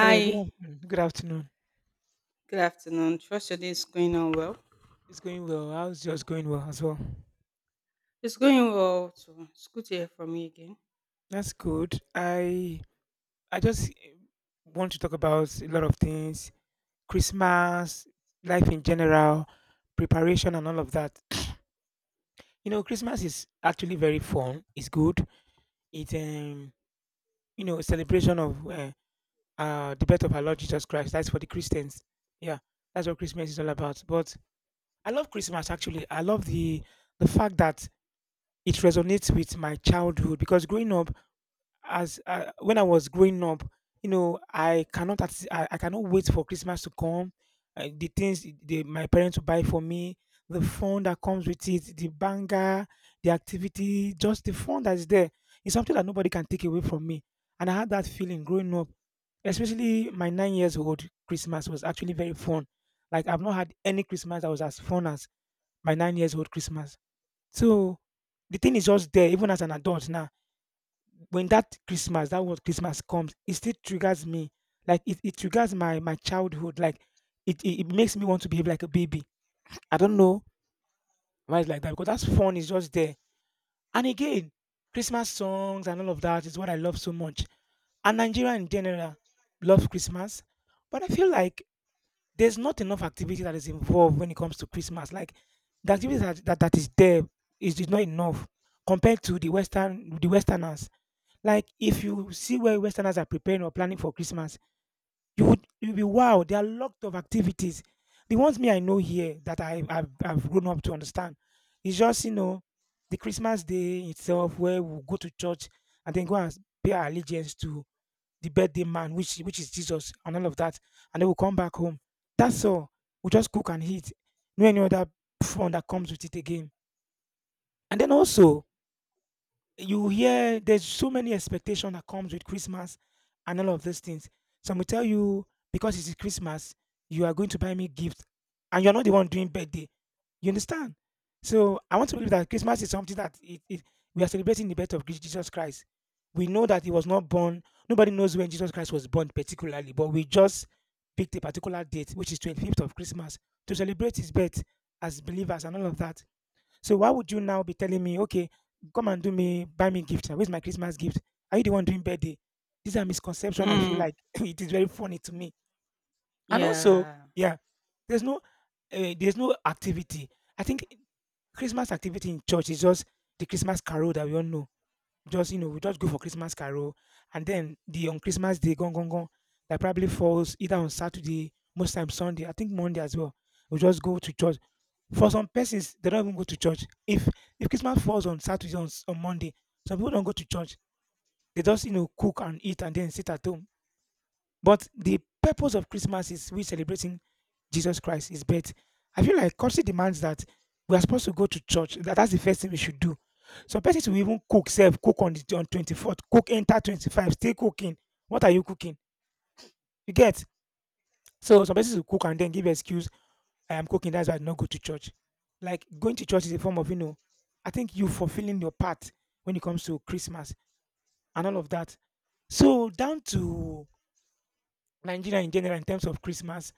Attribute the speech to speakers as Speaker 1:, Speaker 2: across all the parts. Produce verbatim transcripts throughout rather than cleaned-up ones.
Speaker 1: Hello, good afternoon. Good afternoon.
Speaker 2: good afternoon. Trust your day is going on well.
Speaker 1: It's going well. How's yours going well as well?
Speaker 2: It's going well too. It's good to hear from you again.
Speaker 1: That's good. I I just eh, want to talk about a lot of things, Christmas, life in general, preparation and all of that. You know, Christmas is actually very fun. It's good. It's um you know, a celebration of uh, uh the birth of our Lord Jesus Christ. That's for the Christians. Yeah. That's what Christmas is all about. But I love Christmas actually. I love the the fact that it resonates with my childhood because growing up as uh, when I was growing up, you know, I cannot at- I, I cannot wait for Christmas to come. Uh, the things the, my parents will buy for me, the fun that comes with it, the banger, the activity, just the fun that is there. It's something that nobody can take away from me. And I had that feeling growing up, especially my nine years old Christmas was actually very fun. Like I've not had any Christmas that was as fun as my nine years old Christmas. So the thing is just there, even as an adult now when that Christmas, that word Christmas comes, it still triggers me. Like it, it triggers my my childhood. Like it, it it makes me want to behave like a baby. I don't know why it's like that because that's fun is just there. And again, Christmas songs and all of that is what I love so much. And Nigeria in general love Christmas, but I feel like there's not enough activity that is involved when it comes to Christmas. Like the activity that, that, that is there is, is not enough compared to the Western the Westerners. Like if you see where Westerners are preparing or planning for Christmas, you would you'll be wow. There are lot of activities. The ones me I know here that I I've, I've grown up to understand is just you know the Christmas day itself where we go to church and then go and pay our allegiance to the birthday man, which which is Jesus and all of that, and then we'll come back home. That's all. We just cook and eat. No any other fun that comes with it again. And then also you hear there's so many expectation that comes with Christmas and all of these things. Some will tell you because it is Christmas, you are going to buy me gifts, and you're not the one doing birthday. You understand? So I want to believe that Christmas is something that it, it, we are celebrating the birth of Chris- Jesus Christ. We know that he was not born. Nobody knows when Jesus Christ was born particularly, but we just picked a particular date, which is twenty-fifth of Christmas, to celebrate his birth as believers and all of that. So why would you now be telling me, okay, come and do me, buy me gifts? Where's my Christmas gift? Are you the one doing birthday? These are misconceptions. I feel
Speaker 2: Mm,
Speaker 1: like it is very funny to me. And also,
Speaker 2: yeah.
Speaker 1: yeah, there's no, uh, there's no activity. I think Christmas activity in church is just the Christmas carol that we all know. Just you know, we just go for Christmas carol, and then the on Christmas day, gone gone gone, that probably falls either on Saturday, most times Sunday. I think Monday as well. We just go to church. For some persons, they don't even go to church. If if Christmas falls on Saturday on, s- on Monday, some people don't go to church. They just you know cook and eat and then sit at home. But the purpose of Christmas is we celebrating Jesus Christ, His birth. I feel like culture demands that we are supposed to go to church. That, that's the first thing we should do. Some persons will even cook, self cook on the on twenty fourth, cook enter twenty five, stay cooking. What are you cooking? You get so some persons will cook and then give excuse I am cooking. That's why I did not go to church. Like going to church is a form of, you know, I think you fulfilling your part when it comes to Christmas and all of that. So down to Nigeria in general in terms of Christmas.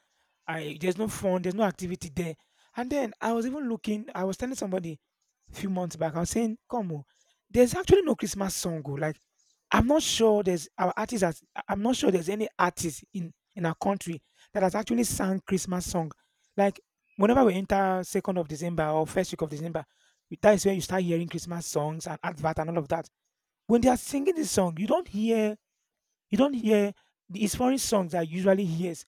Speaker 1: I there's no fun, there's no activity there. And then I was even looking, I was telling somebody a few months back, I was saying, come on, there's actually no Christmas song. oh, Like I'm not sure there's our artists has, I- I'm not sure there's any artist in in our country that has actually sung Christmas song. Like whenever we enter second of December or first week of December, that is when you start hearing Christmas songs and advert and all of that. When they are singing this song, you don't hear you don't hear his foreign songs I usually hears.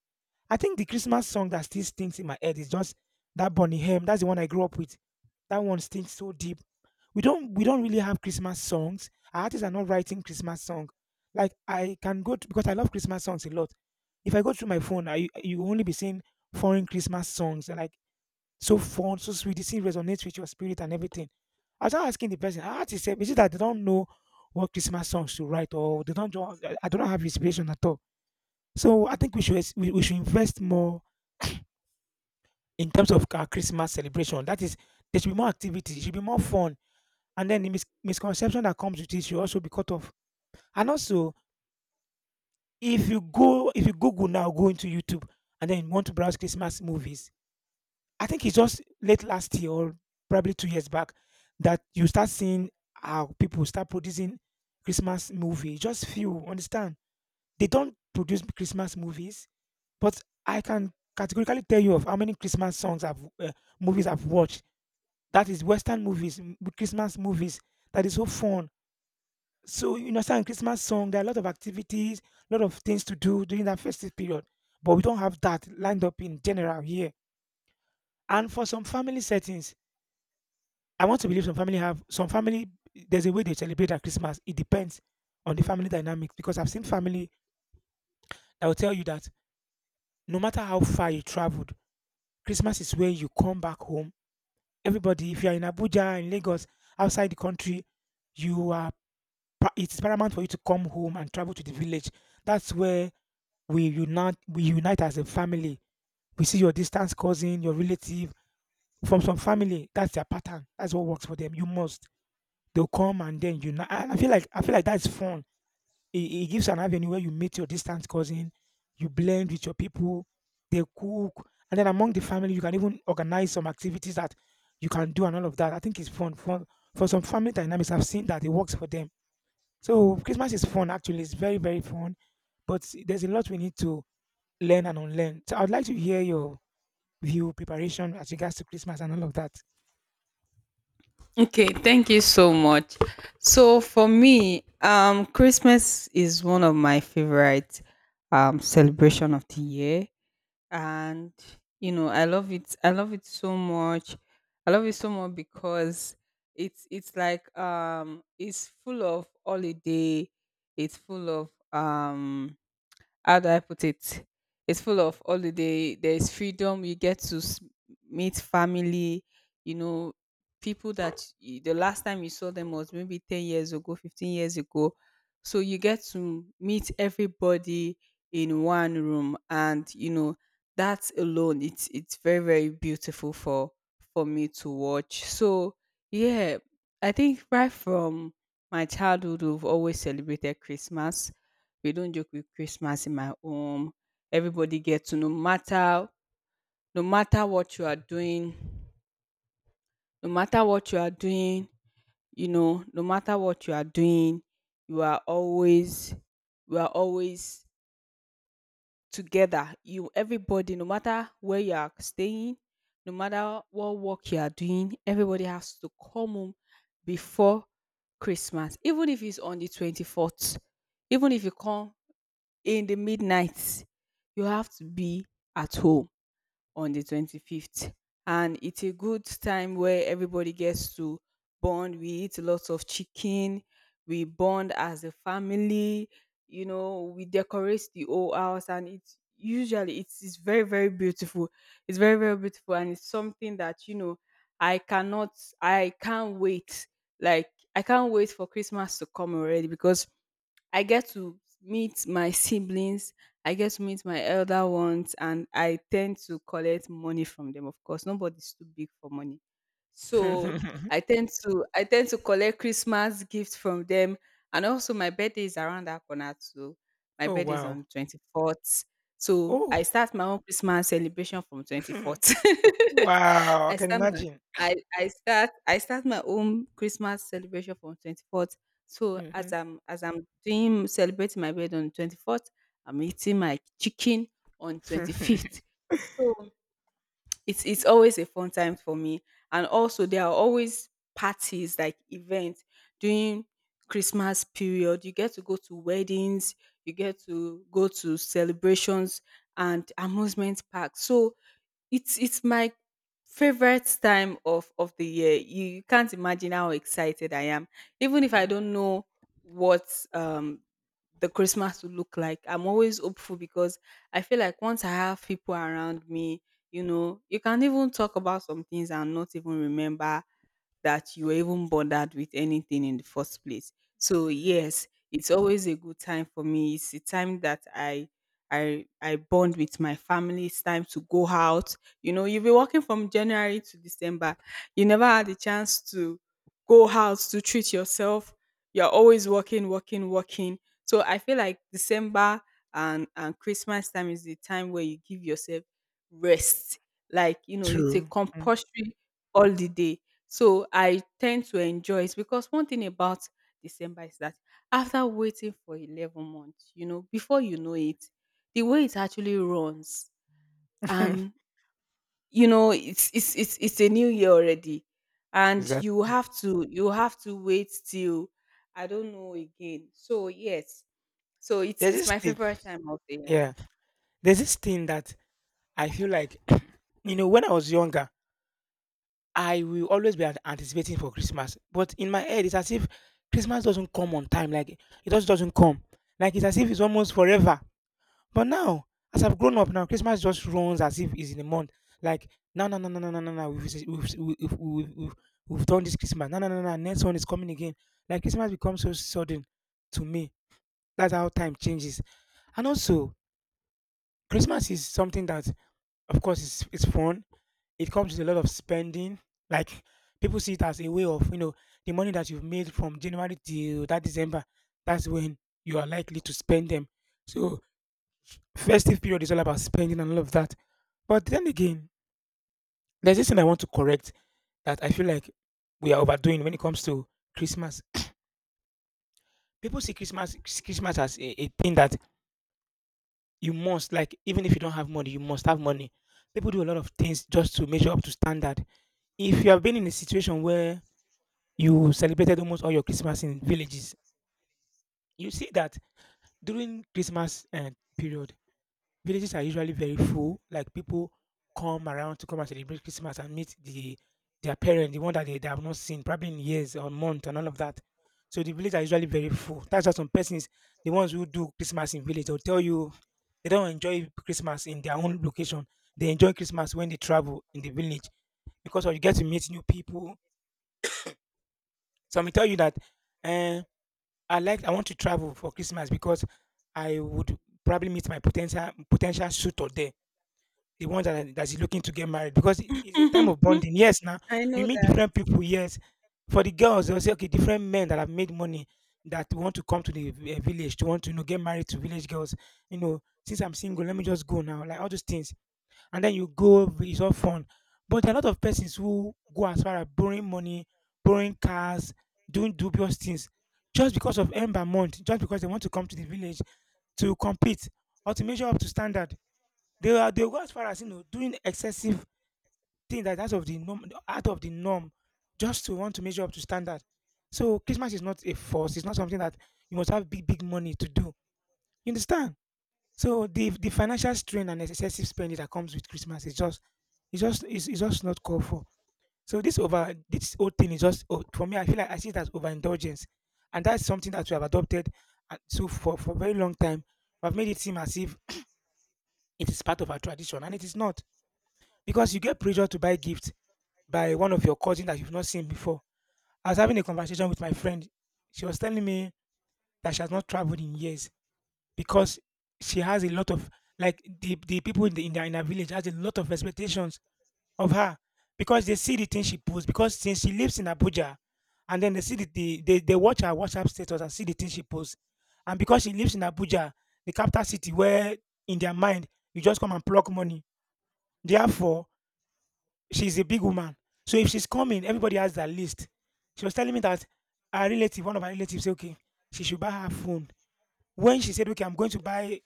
Speaker 1: I think the Christmas song that still stinks in my head is just that Bonnie M. That's the one I grew up with. That one stinks so deep. We don't we don't really have Christmas songs. Our artists are not writing Christmas song. Like I can go to, because I love Christmas songs a lot. If I go through my phone, I you only be seeing foreign Christmas songs. Like so fun, so sweet. This thing resonates with your spirit and everything. I was now asking the person, I how is is it that they don't know what Christmas songs to write or they don't draw, I I don't have inspiration at all. So I think we should we, we should invest more in terms of our Christmas celebration. That is, there should be more activity, it should be more fun. And then the mis- misconception that comes with it should also be cut off. And also, if you go if you Google now, go into YouTube and then you want to browse Christmas movies, I think it's just late last year or probably two years back that you start seeing how people start producing Christmas movie. Just few, understand? They don't produce Christmas movies, but I can categorically tell you of how many Christmas songs I've uh, movies I've watched. That is Western movies, m- Christmas movies. That is so fun. So you understand Christmas song. There are a lot of activities, a lot of things to do during that festive period, but we don't have that lined up in general here. And for some family settings, I want to believe some family have some family, there's a way they celebrate at Christmas. It depends on the family dynamics because I've seen family that will tell you that no matter how far you traveled, Christmas is where you come back home. Everybody, if you are in Abuja, in Lagos, outside the country, you are. pa- It's paramount for you to come home and travel to the village. That's where we unite. We unite as a family. We see your distant cousin, your relative from some family. That's their pattern. That's what works for them. You must. They'll come and then you know, I I feel like I feel like that's fun. It, it gives an avenue where you meet your distant cousin, you blend with your people, they cook, and then among the family you can even organize some activities that you can do and all of that. I think it's fun. Fun for some family dynamics. I've seen that it works for them. So Christmas is fun. Actually, it's very very fun, but there's a lot we need to learn and unlearn. So I'd like to hear your view preparation as regards to Christmas and all of that.
Speaker 2: Okay, thank you so much. So for me, um Christmas is one of my favorite um celebration of the year and you know, I love it. I love it so much. I love it so much because it's it's like um it's full of holiday. It's full of um how do I put it? It's full of holiday. There's freedom. You get to s- meet family. You know, people that you, the last time you saw them was maybe ten years ago, fifteen years ago. So you get to meet everybody in one room, and you know that alone, it's it's very very beautiful for for me to watch. So yeah, I think right from my childhood, we've always celebrated Christmas. We don't joke with Christmas in my home. Everybody gets to no matter no matter what you are doing, no matter what you are doing, you know, no matter what you are doing, you are always we are always together. You everybody, no matter where you are staying, no matter what work you are doing, everybody has to come home before Christmas. Even if it's on the twenty-fourth, even if you come in the midnight. You have to be at home on the twenty-fifth. And it's a good time where everybody gets to bond. We eat lots of chicken. We bond as a family. You know, we decorate the whole house and it's usually it's, it's very, very beautiful. It's very, very beautiful. And it's something that, you know, I cannot, I can't wait. Like, I can't wait for Christmas to come already because I get to meet my siblings, I get to meet my elder ones, and I tend to collect money from them. Of course, nobody's too big for money. So I tend to I tend to collect Christmas gifts from them. And also my birthday is around that corner too. My
Speaker 1: Oh
Speaker 2: birthday is
Speaker 1: wow!
Speaker 2: on twenty-fourth. So I
Speaker 1: Oh
Speaker 2: start my own Christmas celebration from twenty-fourth.
Speaker 1: wow! I
Speaker 2: I
Speaker 1: can
Speaker 2: start my
Speaker 1: imagine.
Speaker 2: I I start I start my own Christmas celebration from twenty-fourth. So as
Speaker 1: Mhm.
Speaker 2: I'm as I'm doing celebrating my birthday on twenty-fourth, I'm eating my chicken on twenty-fifth. So it's it's always a fun time for me. And also there are always parties like events during Christmas period. You get to go to weddings, you get to go to celebrations and amusement parks. So it's it's my favorite time of of the year. You, you can't imagine how excited I am. Even if I don't know what um the Christmas will look like, I'm always hopeful because I feel like once I have people around me, you know, you can even talk about some things and not even remember that you were even bothered with anything in the first place. So yes, it's always a good time for me. It's a time that I I I bond with my family. It's time to go out. You know, you've been working from January to December. You never had a chance to go out to treat yourself. You're always working, working, working. So I feel like December and and Christmas time is the time where you give yourself rest. Like you know, it's a
Speaker 1: True. Mm.
Speaker 2: compulsory holiday so I tend to enjoy it because one thing about December is that after waiting for eleven months, you know, before you know it, the way it actually runs, um, you know, it's it's it's it's a new year already, and you
Speaker 1: Exactly.
Speaker 2: have to you have to wait till I don't know again. So yes, so it's
Speaker 1: There's
Speaker 2: it's
Speaker 1: this
Speaker 2: my
Speaker 1: thing.
Speaker 2: favorite time of the year.
Speaker 1: Yeah. There's this thing that I feel like, you know, when I was younger, I will always be an- anticipating for Christmas. But in my head, it's as if Christmas doesn't come on time. Like, it just doesn't come. Like, it's as if it's almost forever. But now, as I've grown up now, Christmas just runs as if it's in a month. Like, no, no, no, no, no, no, no, no. We've, we've, we've, we've, we've, we've done this Christmas. No, no, no, no. Next one is coming again. Like, Christmas becomes so sudden to me. That's how time changes. And also, Christmas is something that, of course, is it's fun. It comes with a lot of spending. Like people see it as a way of, you know, the money that you've made from January till that December. That's when you are likely to spend them. So festive period is all about spending and all of that. But then again, there's this thing I want to correct that I feel like we are overdoing when it comes to Christmas. People see Christmas Christmas as a, a thing that you must, like, even if you don't have money, you must have money. People do a lot of things just to measure up to standard. If you have been in a situation where you celebrated almost all your Christmas in villages, you see that during Christmas uh, period, villages are usually very full, like people come around to come and celebrate Christmas and meet the their parents, the one that they, they have not seen probably in years or months and all of that. So the village are usually very full. That's why some persons, the ones who do Christmas in village, they'll tell you they don't enjoy Christmas in their own location. They enjoy Christmas when they travel in the village because you get to meet new people. Some will tell you that eh, I like I want to travel for Christmas because I would probably meet my potential potential suitor there, the one that that is looking to get married because it- it's a time of bonding. Yes, now
Speaker 2: I
Speaker 1: you
Speaker 2: know
Speaker 1: meet
Speaker 2: that.
Speaker 1: different people. Yes, for the girls they'll say okay, different men that have made money that want to come to the vi- eh, village to want to, you know, get married to village girls. You know, since I'm single, let me just go now. Like all those things, and then you go, it's all fun. But there are a lot of persons who go as far as borrowing money, borrowing cars, doing dubious things just because of end by month, just because they want to come to the village to compete or to measure up to standard. They are they go as far as, you know, doing excessive thing that out of the norm, out of the norm just to want to measure up to standard. So Christmas is not a force, it's not something that you must have big, big money to do. You understand? So the the financial strain and excessive spending that comes with Christmas is just it's just it's, it's just not called for. So this over this whole thing is just oh, for me. I feel like I see it as overindulgence, and that's something that we have adopted. And so for for a very long time, we have made it seem as if it is part of our tradition, and it is not, because you get pressured to buy gifts by one of your cousin that you've not seen before. I was having a conversation with my friend. She was telling me that she has not traveled in years because she has a lot of, like, the, the people in the in, the, in her village has a lot of expectations of her because they see the things she posts, because since she lives in Abuja and then they see the, the they, they watch her WhatsApp status and see the things she posts. And because she lives in Abuja, the capital city, where in their mind you just come and pluck money. Therefore, she's a big woman. So if she's coming, everybody has their list. She was telling me that her relative, one of her relatives, said, okay, she should buy her phone. When she said, okay, I'm going to buy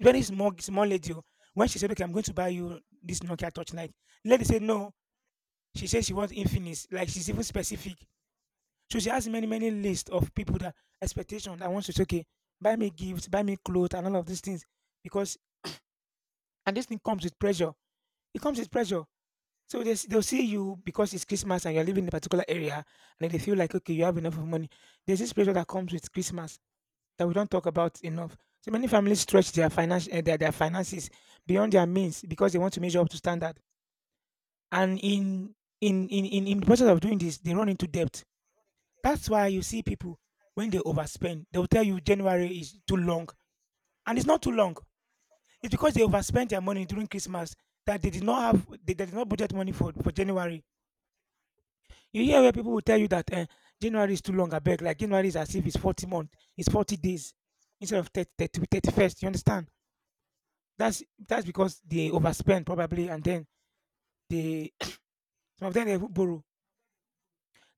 Speaker 1: very small, small lady. Oh, when she said, okay, I'm going to buy you this Nokia Touchlight, lady said no. She said she wants Infinix. Like she's even specific. So she has many, many lists of people that expectation that wants to say, okay, buy me gifts, buy me clothes, and all of these things. Because and this thing comes with pressure. It comes with pressure. So they they'll see you because it's Christmas and you're living in a particular area, and then they feel like okay, you have enough of money. There's this pressure that comes with Christmas that we don't talk about enough. So many families stretch their finance uh, their, their finances beyond their means because they want to measure up to standard. And
Speaker 2: Mm.
Speaker 1: in in in in, in the process of doing this, they run into debt. That's why you see people when they overspend, they will tell you January is too long, and it's not too long. It's because they overspent their money during Christmas that they did not have they, they did not budget money for for January. You hear where people will tell you that eh, January is too long, I beg. Like January is as if it's forty month, it's forty days instead of thirty, thirty, thirty-first. You understand? That's that's because they overspend probably, and then they some of them they even borrow.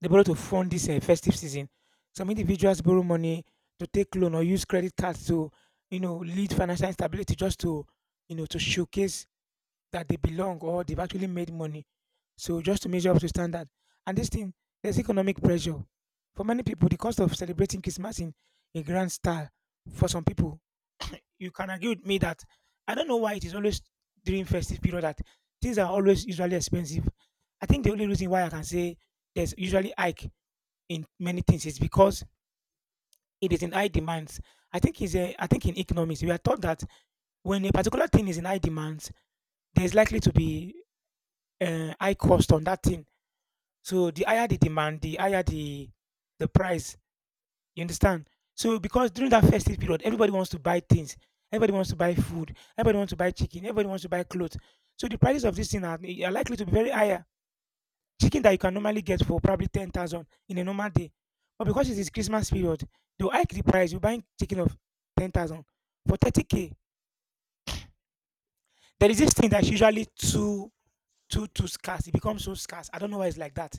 Speaker 1: They borrow to fund this uh, festive season. Some individuals borrow money to take loan or use credit cards to, you know, lead financial instability just to, you know, to showcase that they belong or they've actually made money. So just to measure up to standard. And this thing, there's economic pressure. For many people, the cost of celebrating Christmas in a grand style, for some people, you can agree with me that I don't know why it is always during festive period that things are always usually expensive. I think the only reason why I can say there's usually hike in many things is because it is in high demands. I think is a, I think in economics we are taught that when a particular thing is in high demands, there's likely to be uh, high cost on that thing. So the higher the demand, the higher the the price. You understand? So because during that festive period, everybody wants to buy things. Everybody wants to buy food. Everybody wants to buy chicken. Everybody wants to buy clothes. So the prices of this thing are, are likely to be very higher. Chicken that you can normally get for probably ten thousand in a normal day, but because it is Christmas period, they will hike the price. You're buying chicken of ten thousand for thirty k. There is this thing that's usually too too too scarce. It becomes so scarce. I don't know why it's like that.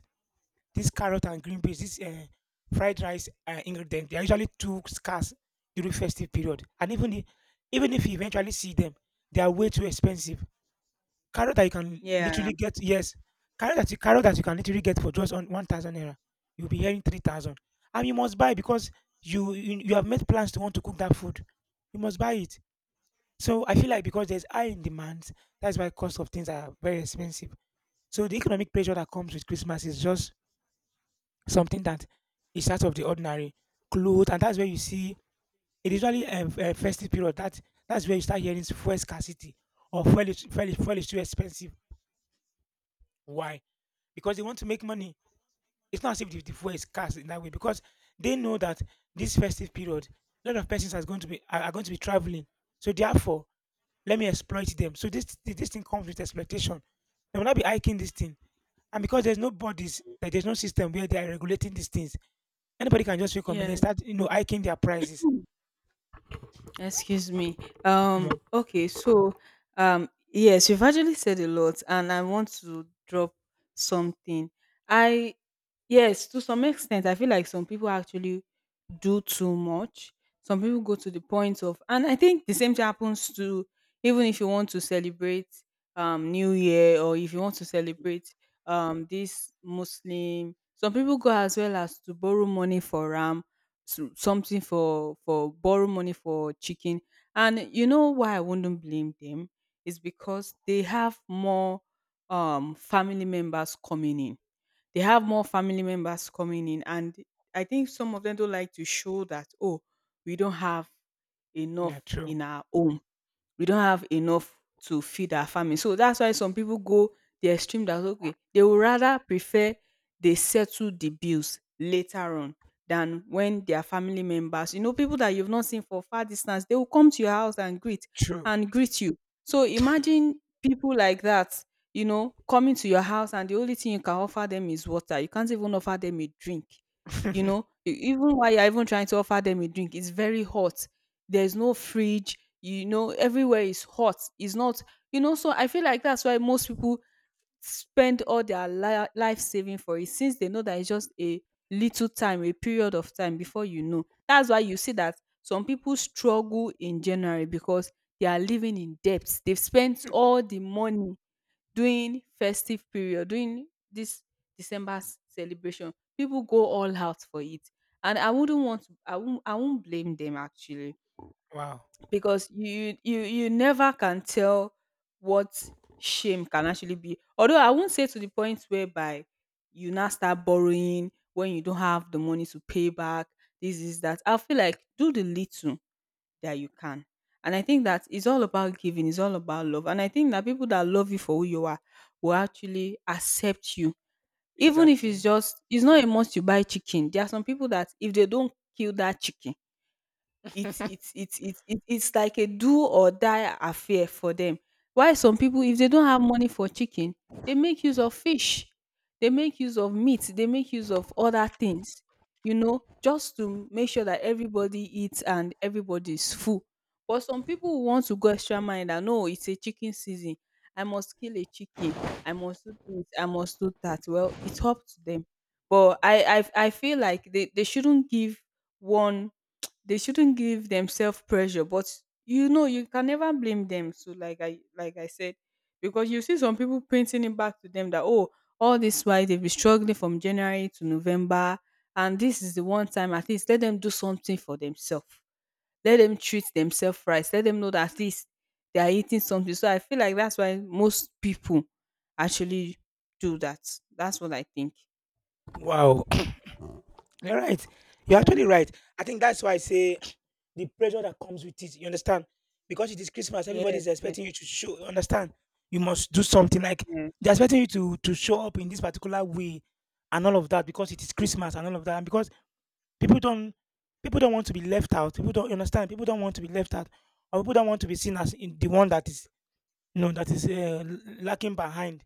Speaker 1: This carrot and green beans, this uh, fried rice uh, ingredient, they are usually too scarce during festive period. And even if, even if you eventually see them, they are way too expensive. Carrot that you can
Speaker 2: Yeah.
Speaker 1: literally get, yes, carrot that you, carrot that you can literally get for just on one thousand naira, you'll be hearing three thousand, and you must buy because you, you you have made plans to want to cook that food. You must buy it. So I feel like because there's high in demand, that's why cost of things are very expensive. So the economic pressure that comes with Christmas is just something that is out of the ordinary. Clothes, and that's where you see it. Usually a, a festive period. That that's where you start hearing fuel scarcity or fuel is, fuel, is, fuel is too expensive. Why? Because they want to make money. It's not as if the, the fuel is scarce in that way, because they know that this festive period, a lot of persons are going to be are, are going to be traveling. So therefore, let me exploit them. So this this thing comes with exploitation. They will not be hiking this thing. And because there's no bodies, like there's no system where they are regulating these things, anybody can just wake up and then
Speaker 2: Yeah.
Speaker 1: start, you know, hiking their prices.
Speaker 2: Excuse me. Um,
Speaker 1: Mm.
Speaker 2: okay, so um yes, you've actually said a lot and I want to drop something. I Yes, to some extent I feel like some people actually do too much. Some people go to the point of and I think the same thing happens to even if you want to celebrate um New Year or if you want to celebrate um this Muslim, some people go as well as to borrow money for Ram, so- something for for borrow money for chicken, and you know why I wouldn't blame them is because they have more um family members coming in. They have more family members coming in and I think some of them don't like to show that, oh, we don't have
Speaker 1: Yeah,
Speaker 2: enough
Speaker 1: true.
Speaker 2: in our home, we don't have enough to feed our family. So that's why some people go the extreme, that okay, they would rather prefer they settle the bills later on than when their family members, you know, people that you've not seen for far distance, they will come to your house and greet
Speaker 1: True.
Speaker 2: and greet you. So imagine people like that, you know, coming to your house and the only thing you can offer them is water. You can't even offer them a drink. You know, E- even while you're even trying to offer them a drink, it's very hot. There's no fridge. You know everywhere is hot, it's not, you know. So I feel like that's why most people spend all their li- life saving for it, since they know that it's just a little time, a period of time before, you know. That's why you see that some people struggle in January because they are living in debt, they've spent all the money during festive period, during this December s- celebration. People go all out for it, and I wouldn't want to, i won't I won't blame them actually
Speaker 1: Wow.
Speaker 2: because you you you never can tell what shame can actually be. Although I won't say to the point whereby you now start borrowing when you don't have the money to pay back. This is that. I feel like do the little that you can. And I think that it's all about giving, it's all about love. And I think that people that love you for who you are will actually accept you. Even if it's
Speaker 1: Exactly.
Speaker 2: just, it's not a must you buy chicken. There are some people that if they don't kill that chicken, it's it's it's it's it's it's like a do or die affair for them. Why some people, if they don't have money for chicken, they make use of fish, they make use of meat, they make use of other things, you know, just to make sure that everybody eats and everybody is full. But some people who want to go extra mile, that no, it's a chicken season. I must kill a chicken. I must do this. I must do that. Well, it's up to them. But I I, I feel like they, they shouldn't give one, they shouldn't give themselves pressure. But you know, you can never blame them. So like i like I said, because you see some people painting it back to them that, oh, all this while they've been struggling from January to November, and this is the one time, at least let them do something for themselves, let them treat themselves right, let them know that at least they are eating something. So I feel like that's why most people actually do that. That's what I think.
Speaker 1: Wow. You're right. You're
Speaker 2: Yeah.
Speaker 1: actually right. I think that's why I say the pressure that comes with it. You understand? Because it is Christmas,
Speaker 2: Yes,
Speaker 1: everybody's
Speaker 2: yes.
Speaker 1: expecting you to show. You understand? You must do something. Like
Speaker 2: Yeah.
Speaker 1: they're expecting you to to show up in this particular way, and all of that because it is Christmas and all of that. And because people don't people don't want to be left out. People don't you understand. People don't want to be left out, or people don't want to be seen as in the one that is no, that is uh, lacking behind.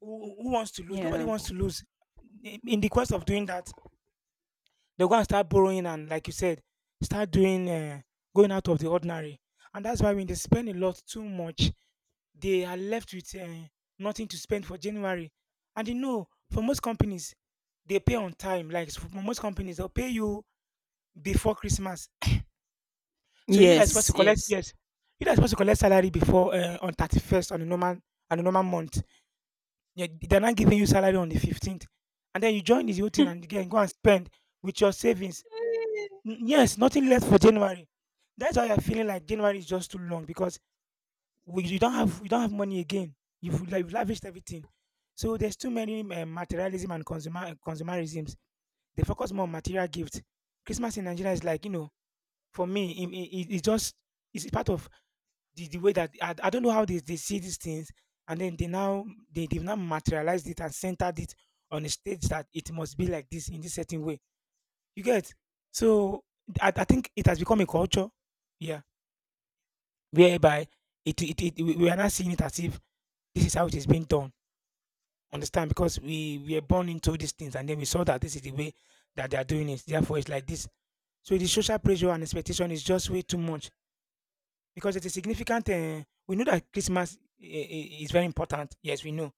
Speaker 1: Who, who wants to lose? Nobody
Speaker 2: Yeah.
Speaker 1: wants to lose. In in the quest of doing that, they're going to start borrowing and, like you said, start doing uh, going out of the ordinary. And that's why when they spend a lot too much, they are left with uh, nothing to spend for January. And you know, for most companies, they pay on time. Like for most companies, they'll pay you before Christmas. So you that's supposed to
Speaker 2: Yes,
Speaker 1: collect,
Speaker 2: yes.
Speaker 1: yes, you that's supposed to collect salary before uh, on thirty first on a normal on a normal month. Yeah, they're not giving you salary on the fifteenth. And then you join this whole thing and again go and spend with your savings. N- Yes, nothing left for January. That's why you're feeling like January is just too long because we, you don't have you don't have money again. You've, la- you've lavished everything. So there's too many uh, materialism and consumer consumerisms. They focus more on material gifts. Christmas in Nigeria is, like, you know, for me, it, it, it- it's just it's part of the, the way that I, I don't know how they, they see these things, and then they now they, they've now materialized it and centered it on a stage that it must be like this, in this certain way, you get. So i, I think it has become a culture, yeah, whereby it, it, it we we are not seeing it as if this is how it is being done, understand, because we we are born into these things, and then we saw that this is the way that they are doing it, therefore it's like this. So the social pressure and expectation is just way too much. Because it's a significant, eh, we know that Christmas I I is very important. Yes, we know.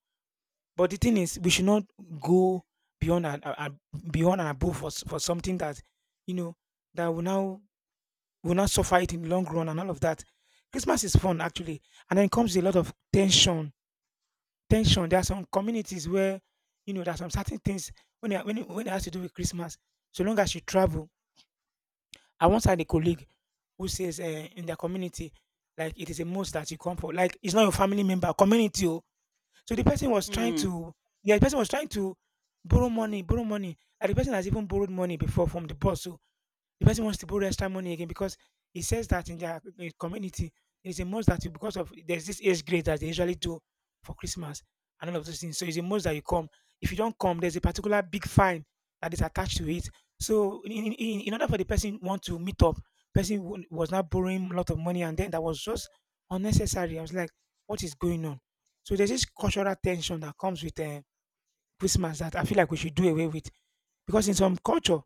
Speaker 1: But the thing is, we should not go beyond and a and beyond and above for s for something that, you know, that will now will not suffer it in the long run and all of that. Christmas is fun actually, and then comes a lot of tension tension. There are some communities where, you know, there are some certain things when it when it when it has to do with Christmas, so long as you travel. I once had a colleague who says, uh, in their community, like it is a must that you come for. Like it's not your family member, community. Oh. So the person was trying
Speaker 2: Mm.
Speaker 1: to, yeah, the person was trying to borrow money, borrow money. And the person has even borrowed money before from the boss. So the person wants to borrow extra money again, because it says that in their eh, community, it's a must that you, because of there's this age grade that they usually do for Christmas and all of those things. So it's a must that you come. If you don't come, there's a particular big fine that is attached to it. So in, in, in in order for the person want to meet up, person w- was not borrowing a lot of money, and then that was just unnecessary. I was like, what is going on? So there's this cultural tension that comes with, uh, Christmas, that I feel like we should do away with, because in some culture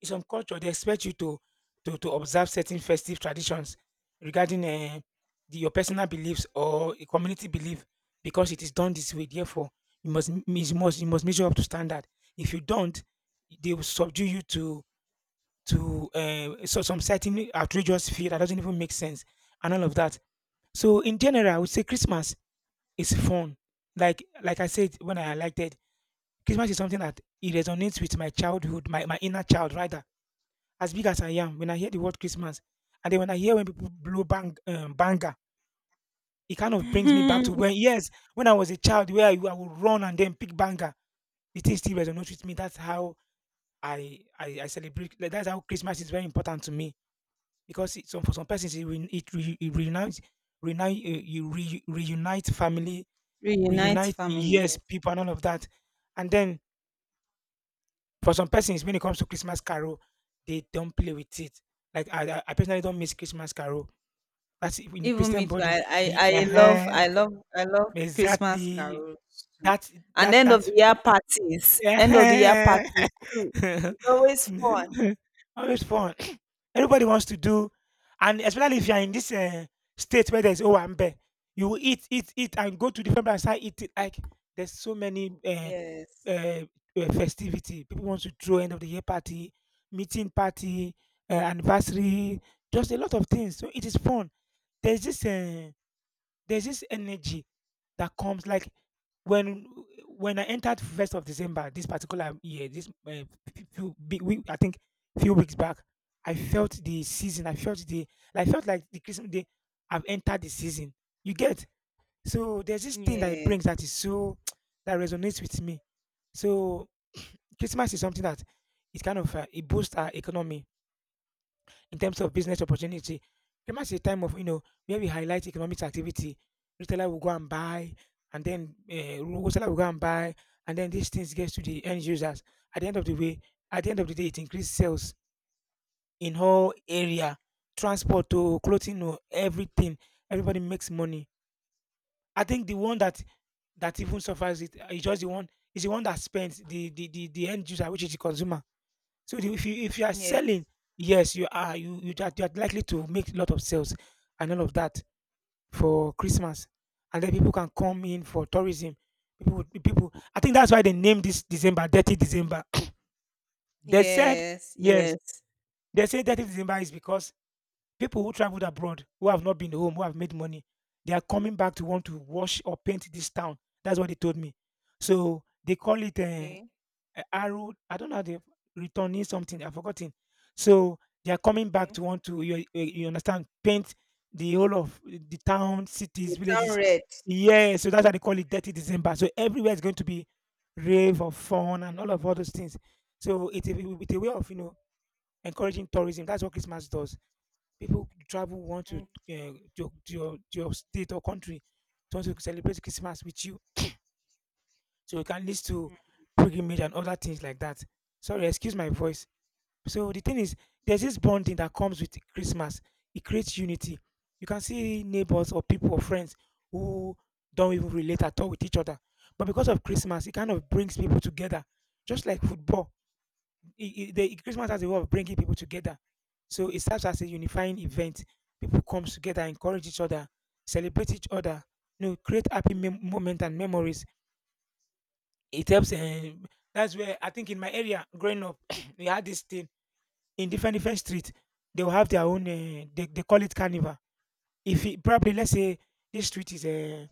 Speaker 1: in some culture they expect you to to to observe certain festive traditions regarding, um the, your personal beliefs or a community belief, because it is done this way. Therefore, you must m- you must you must measure up to standard. If you don't, they will subdue you to to uh, so some certain outrageous fear that doesn't even make sense, and all of that. So in general, I would say Christmas is fun. Like like I said when I highlighted, Christmas is something that it resonates with my childhood, my, my inner child rather. As big as I am, when I hear the word Christmas, and then when I hear when people blow bang um, banger, it kind of brings me back to when yes, when I was a child, where I, I would run and then pick banger. The thing still resonates with me. That's how I I, I celebrate. Like, that's how Christmas is very important to me, because it, some for some persons, it re, it, re, it reunites reunite uh, you re, reunite family,
Speaker 2: Reunite
Speaker 1: reunite
Speaker 2: family,
Speaker 1: yes,
Speaker 2: yes.
Speaker 1: people and all of that, and then for some persons, when it comes to Christmas carol, they don't play with it. Like I I I personally don't miss Christmas carol. That's it, in the
Speaker 2: Even
Speaker 1: Christian
Speaker 2: me too.
Speaker 1: body.
Speaker 2: I, I,
Speaker 1: Ye
Speaker 2: I love
Speaker 1: Uh-huh,
Speaker 2: I love I love Christmas
Speaker 1: exactly.
Speaker 2: carols too.
Speaker 1: That
Speaker 2: And
Speaker 1: that
Speaker 2: end of
Speaker 1: that
Speaker 2: the year parties. End of the year
Speaker 1: uh-huh.
Speaker 2: parties too. It's always fun.
Speaker 1: Always fun. Everybody wants to do, and especially if you are in this, uh, state where there's owambe, you will eat, eat, eat, and go to different places and eat it. Like, there's so many uh,
Speaker 2: Yes.
Speaker 1: uh, uh, festivity. People want to throw end of the year party, meeting party, uh, anniversary, just a lot of things. So it is fun. There's this. Uh, there's this energy that comes, like, when when I entered first of December this particular year, this uh, few big week, I think few weeks back, I felt the season. I felt the I felt like the Christmas day. I've entered the season. You get. So there's this thing that it
Speaker 2: Yes.
Speaker 1: brings, that is so that resonates with me. So Christmas is something that it kind of, uh, it boosts our economy, in terms of business opportunity. Christmas is a time of, you know where we highlight economic activity. Retailer will go and buy, and then, uh, wholesaler will go and buy, and then these things gets to the end users. At the end of the way, at the end of the day, it increases sales in whole area, transport to clothing to everything. Everybody makes money. I think the one that that even suffers it, uh, is just the one is the one that spends the the the, the end user, which is the consumer. So the- if you if you are selling,
Speaker 2: Yes.
Speaker 1: yes, you are you you are, you are likely to make a lot of sales, and all of that for Christmas, and then people can come in for tourism. People would- people, I think that's why they named this December Dirty December. They said
Speaker 2: Yes.
Speaker 1: yes.
Speaker 2: Yes.
Speaker 1: They say Dirty December is because people who traveled abroad, who have not been home, who have made money, they are coming back to want to wash or paint this town. That's what they told me. So they call it, uh,
Speaker 2: Okay.
Speaker 1: a arrow. I don't know how they returning something. I've forgotten. So they are coming back
Speaker 2: Okay.
Speaker 1: to want to, you, you you understand, paint the whole of the town, cities,
Speaker 2: The town
Speaker 1: villages.
Speaker 2: red.
Speaker 1: Yeah, so that's why they call it Dirty December. So everywhere is going to be rave of fun, and all of all those things. So it's a, it's a way of, you know encouraging tourism. That's what Christmas does. People travel, want to uh,
Speaker 2: Mm.
Speaker 1: to, your, to your to your state or country, to want to celebrate Christmas with you, so it can lead to pilgrimage and other things like that. Sorry, excuse my voice. So the thing is, there's this bonding that comes with Christmas. It creates unity. You can see neighbors or people or friends who don't even relate at all with each other, but because of Christmas, it kind of brings people together. Just like football, it, it- the Christmas has a way of bringing people together. So it serves as a unifying event. People come together, encourage each other, celebrate each other, you know, create happy mem- moment and memories. It helps, um, that's where, I think, in my area growing up, we had this thing in different different streets. They will have their own. Uh, they they call it carnival. If it, probably, let's say this street is, a,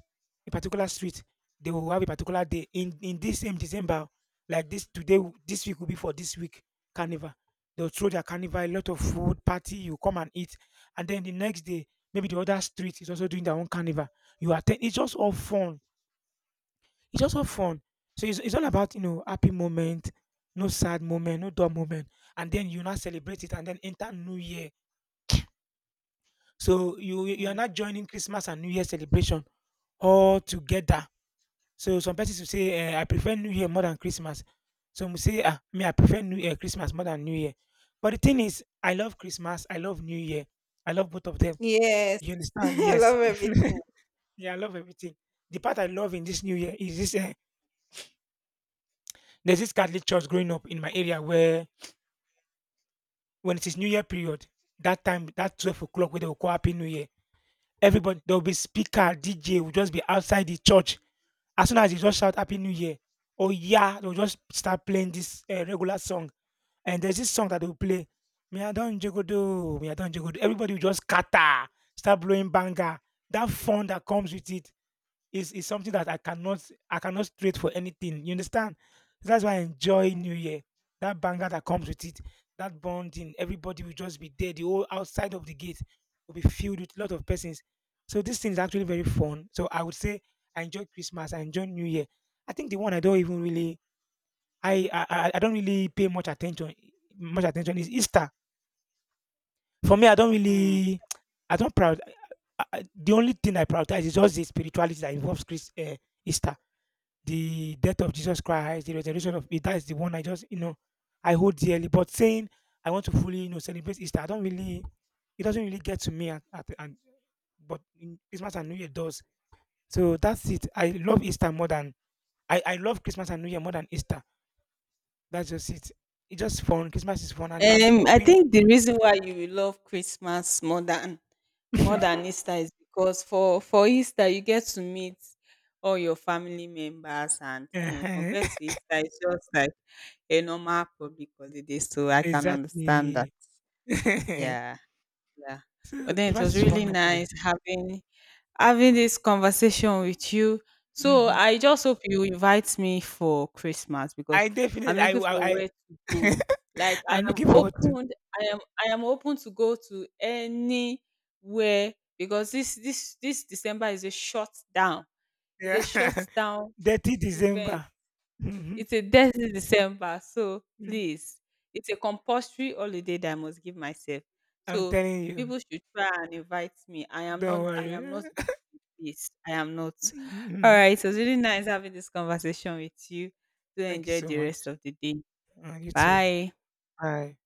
Speaker 1: a particular street, they will have a particular day in in this same December. Like this today, w- this week will be for this week carnival. They'll throw their carnival, a lot of food party. You come and eat, and then the next day maybe the other street is also doing their own carnival. You attend. It's just all fun, it's also fun. So it's, it's all about, you know, happy moment, no sad moment, no dull moment. And then you now celebrate it and then enter New Year. So you you are
Speaker 2: Mm.
Speaker 1: not joining Christmas and New Year celebration all together. So some persons will say, uh, I prefer New Year more than Christmas. Some will say, ah, me, I prefer New Year, Christmas more than New Year. But the thing is, I love Christmas, I love New Year, I love both of them.
Speaker 2: Yes.
Speaker 1: You understand?
Speaker 2: I
Speaker 1: Yes.
Speaker 2: love everything.
Speaker 1: Yeah, I love everything. The part I love in this New Year is this uh, There's this Catholic church growing up in my area, where, when it is New Year period, that time, that twelve o'clock where they will call Happy New Year, everybody, there will be speaker, D J will just be outside the church. As soon as they just shout Happy New Year, or yeah, they'll just start playing this uh, regular song. And there's this song that they'll play, Me Adon Jegodo, Me Adon Jegodo. Everybody will just scatter, start blowing banger. That fun that comes with it is is something that I cannot I cannot trade for anything. You understand? That's why I enjoy New
Speaker 2: Mm.
Speaker 1: Year. That banger that comes with it, that bonding, everybody will just be there. The whole outside of the gate will be filled with a lot of persons. So this thing is actually very fun. So I would say I enjoy Christmas, I enjoy New Year. I think the one I don't even really I I, I I don't really pay much attention much attention is Easter. For me, I don't
Speaker 2: Mm.
Speaker 1: really I don't proud. I, I, the only thing I prioritize is just the spirituality that involves Chris, uh, Easter, the death of Jesus Christ, the resurrection. Of that is the one I just, you know I hold dearly. But saying I want to fully, you know celebrate Easter, I don't really, it doesn't really get to me at, at and but in Christmas and New Year does. So that's it. I love Easter more than, I, I love Christmas and New Year more than Easter. That's just it. It's just fun. Christmas is fun and I'm
Speaker 2: Um, I
Speaker 1: open.
Speaker 2: think the reason why you will love Christmas more than more than Easter is because for for Easter you get to meet all your family members, and you know
Speaker 1: Uh-huh,
Speaker 2: compared to Easter it's just like a normal public holiday, so I can understand that.
Speaker 1: exactly. So
Speaker 2: Yeah. Yeah. But then it
Speaker 1: Christmas
Speaker 2: was
Speaker 1: is
Speaker 2: really
Speaker 1: fun actually.
Speaker 2: nice having having this conversation with you. So
Speaker 1: Mhm.
Speaker 2: I just hope you invite me for Christmas because
Speaker 1: I definitely
Speaker 2: I'm
Speaker 1: I
Speaker 2: looking for
Speaker 1: I,
Speaker 2: where to go.
Speaker 1: I
Speaker 2: Like I
Speaker 1: I'm
Speaker 2: am
Speaker 1: looking forward to.
Speaker 2: open, I am I am open to go to anywhere because this this this December is a shutdown, down. It's a
Speaker 1: Yeah.
Speaker 2: shutdown
Speaker 1: Dirty
Speaker 2: event.
Speaker 1: December. Mhm.
Speaker 2: It's a dirty December. So
Speaker 1: Mm.
Speaker 2: please, it's a compulsory holiday that I must give myself.
Speaker 1: I'm
Speaker 2: So
Speaker 1: telling you.
Speaker 2: people should try and invite me. I am
Speaker 1: Don't
Speaker 2: not I am
Speaker 1: worry.
Speaker 2: not Yes, I am not. All
Speaker 1: Mhm.
Speaker 2: right. It was really nice having this conversation with you. Do
Speaker 1: Thank you
Speaker 2: enjoy
Speaker 1: so
Speaker 2: the
Speaker 1: much.
Speaker 2: rest of the day.
Speaker 1: Uh, you too.
Speaker 2: Bye.
Speaker 1: Bye.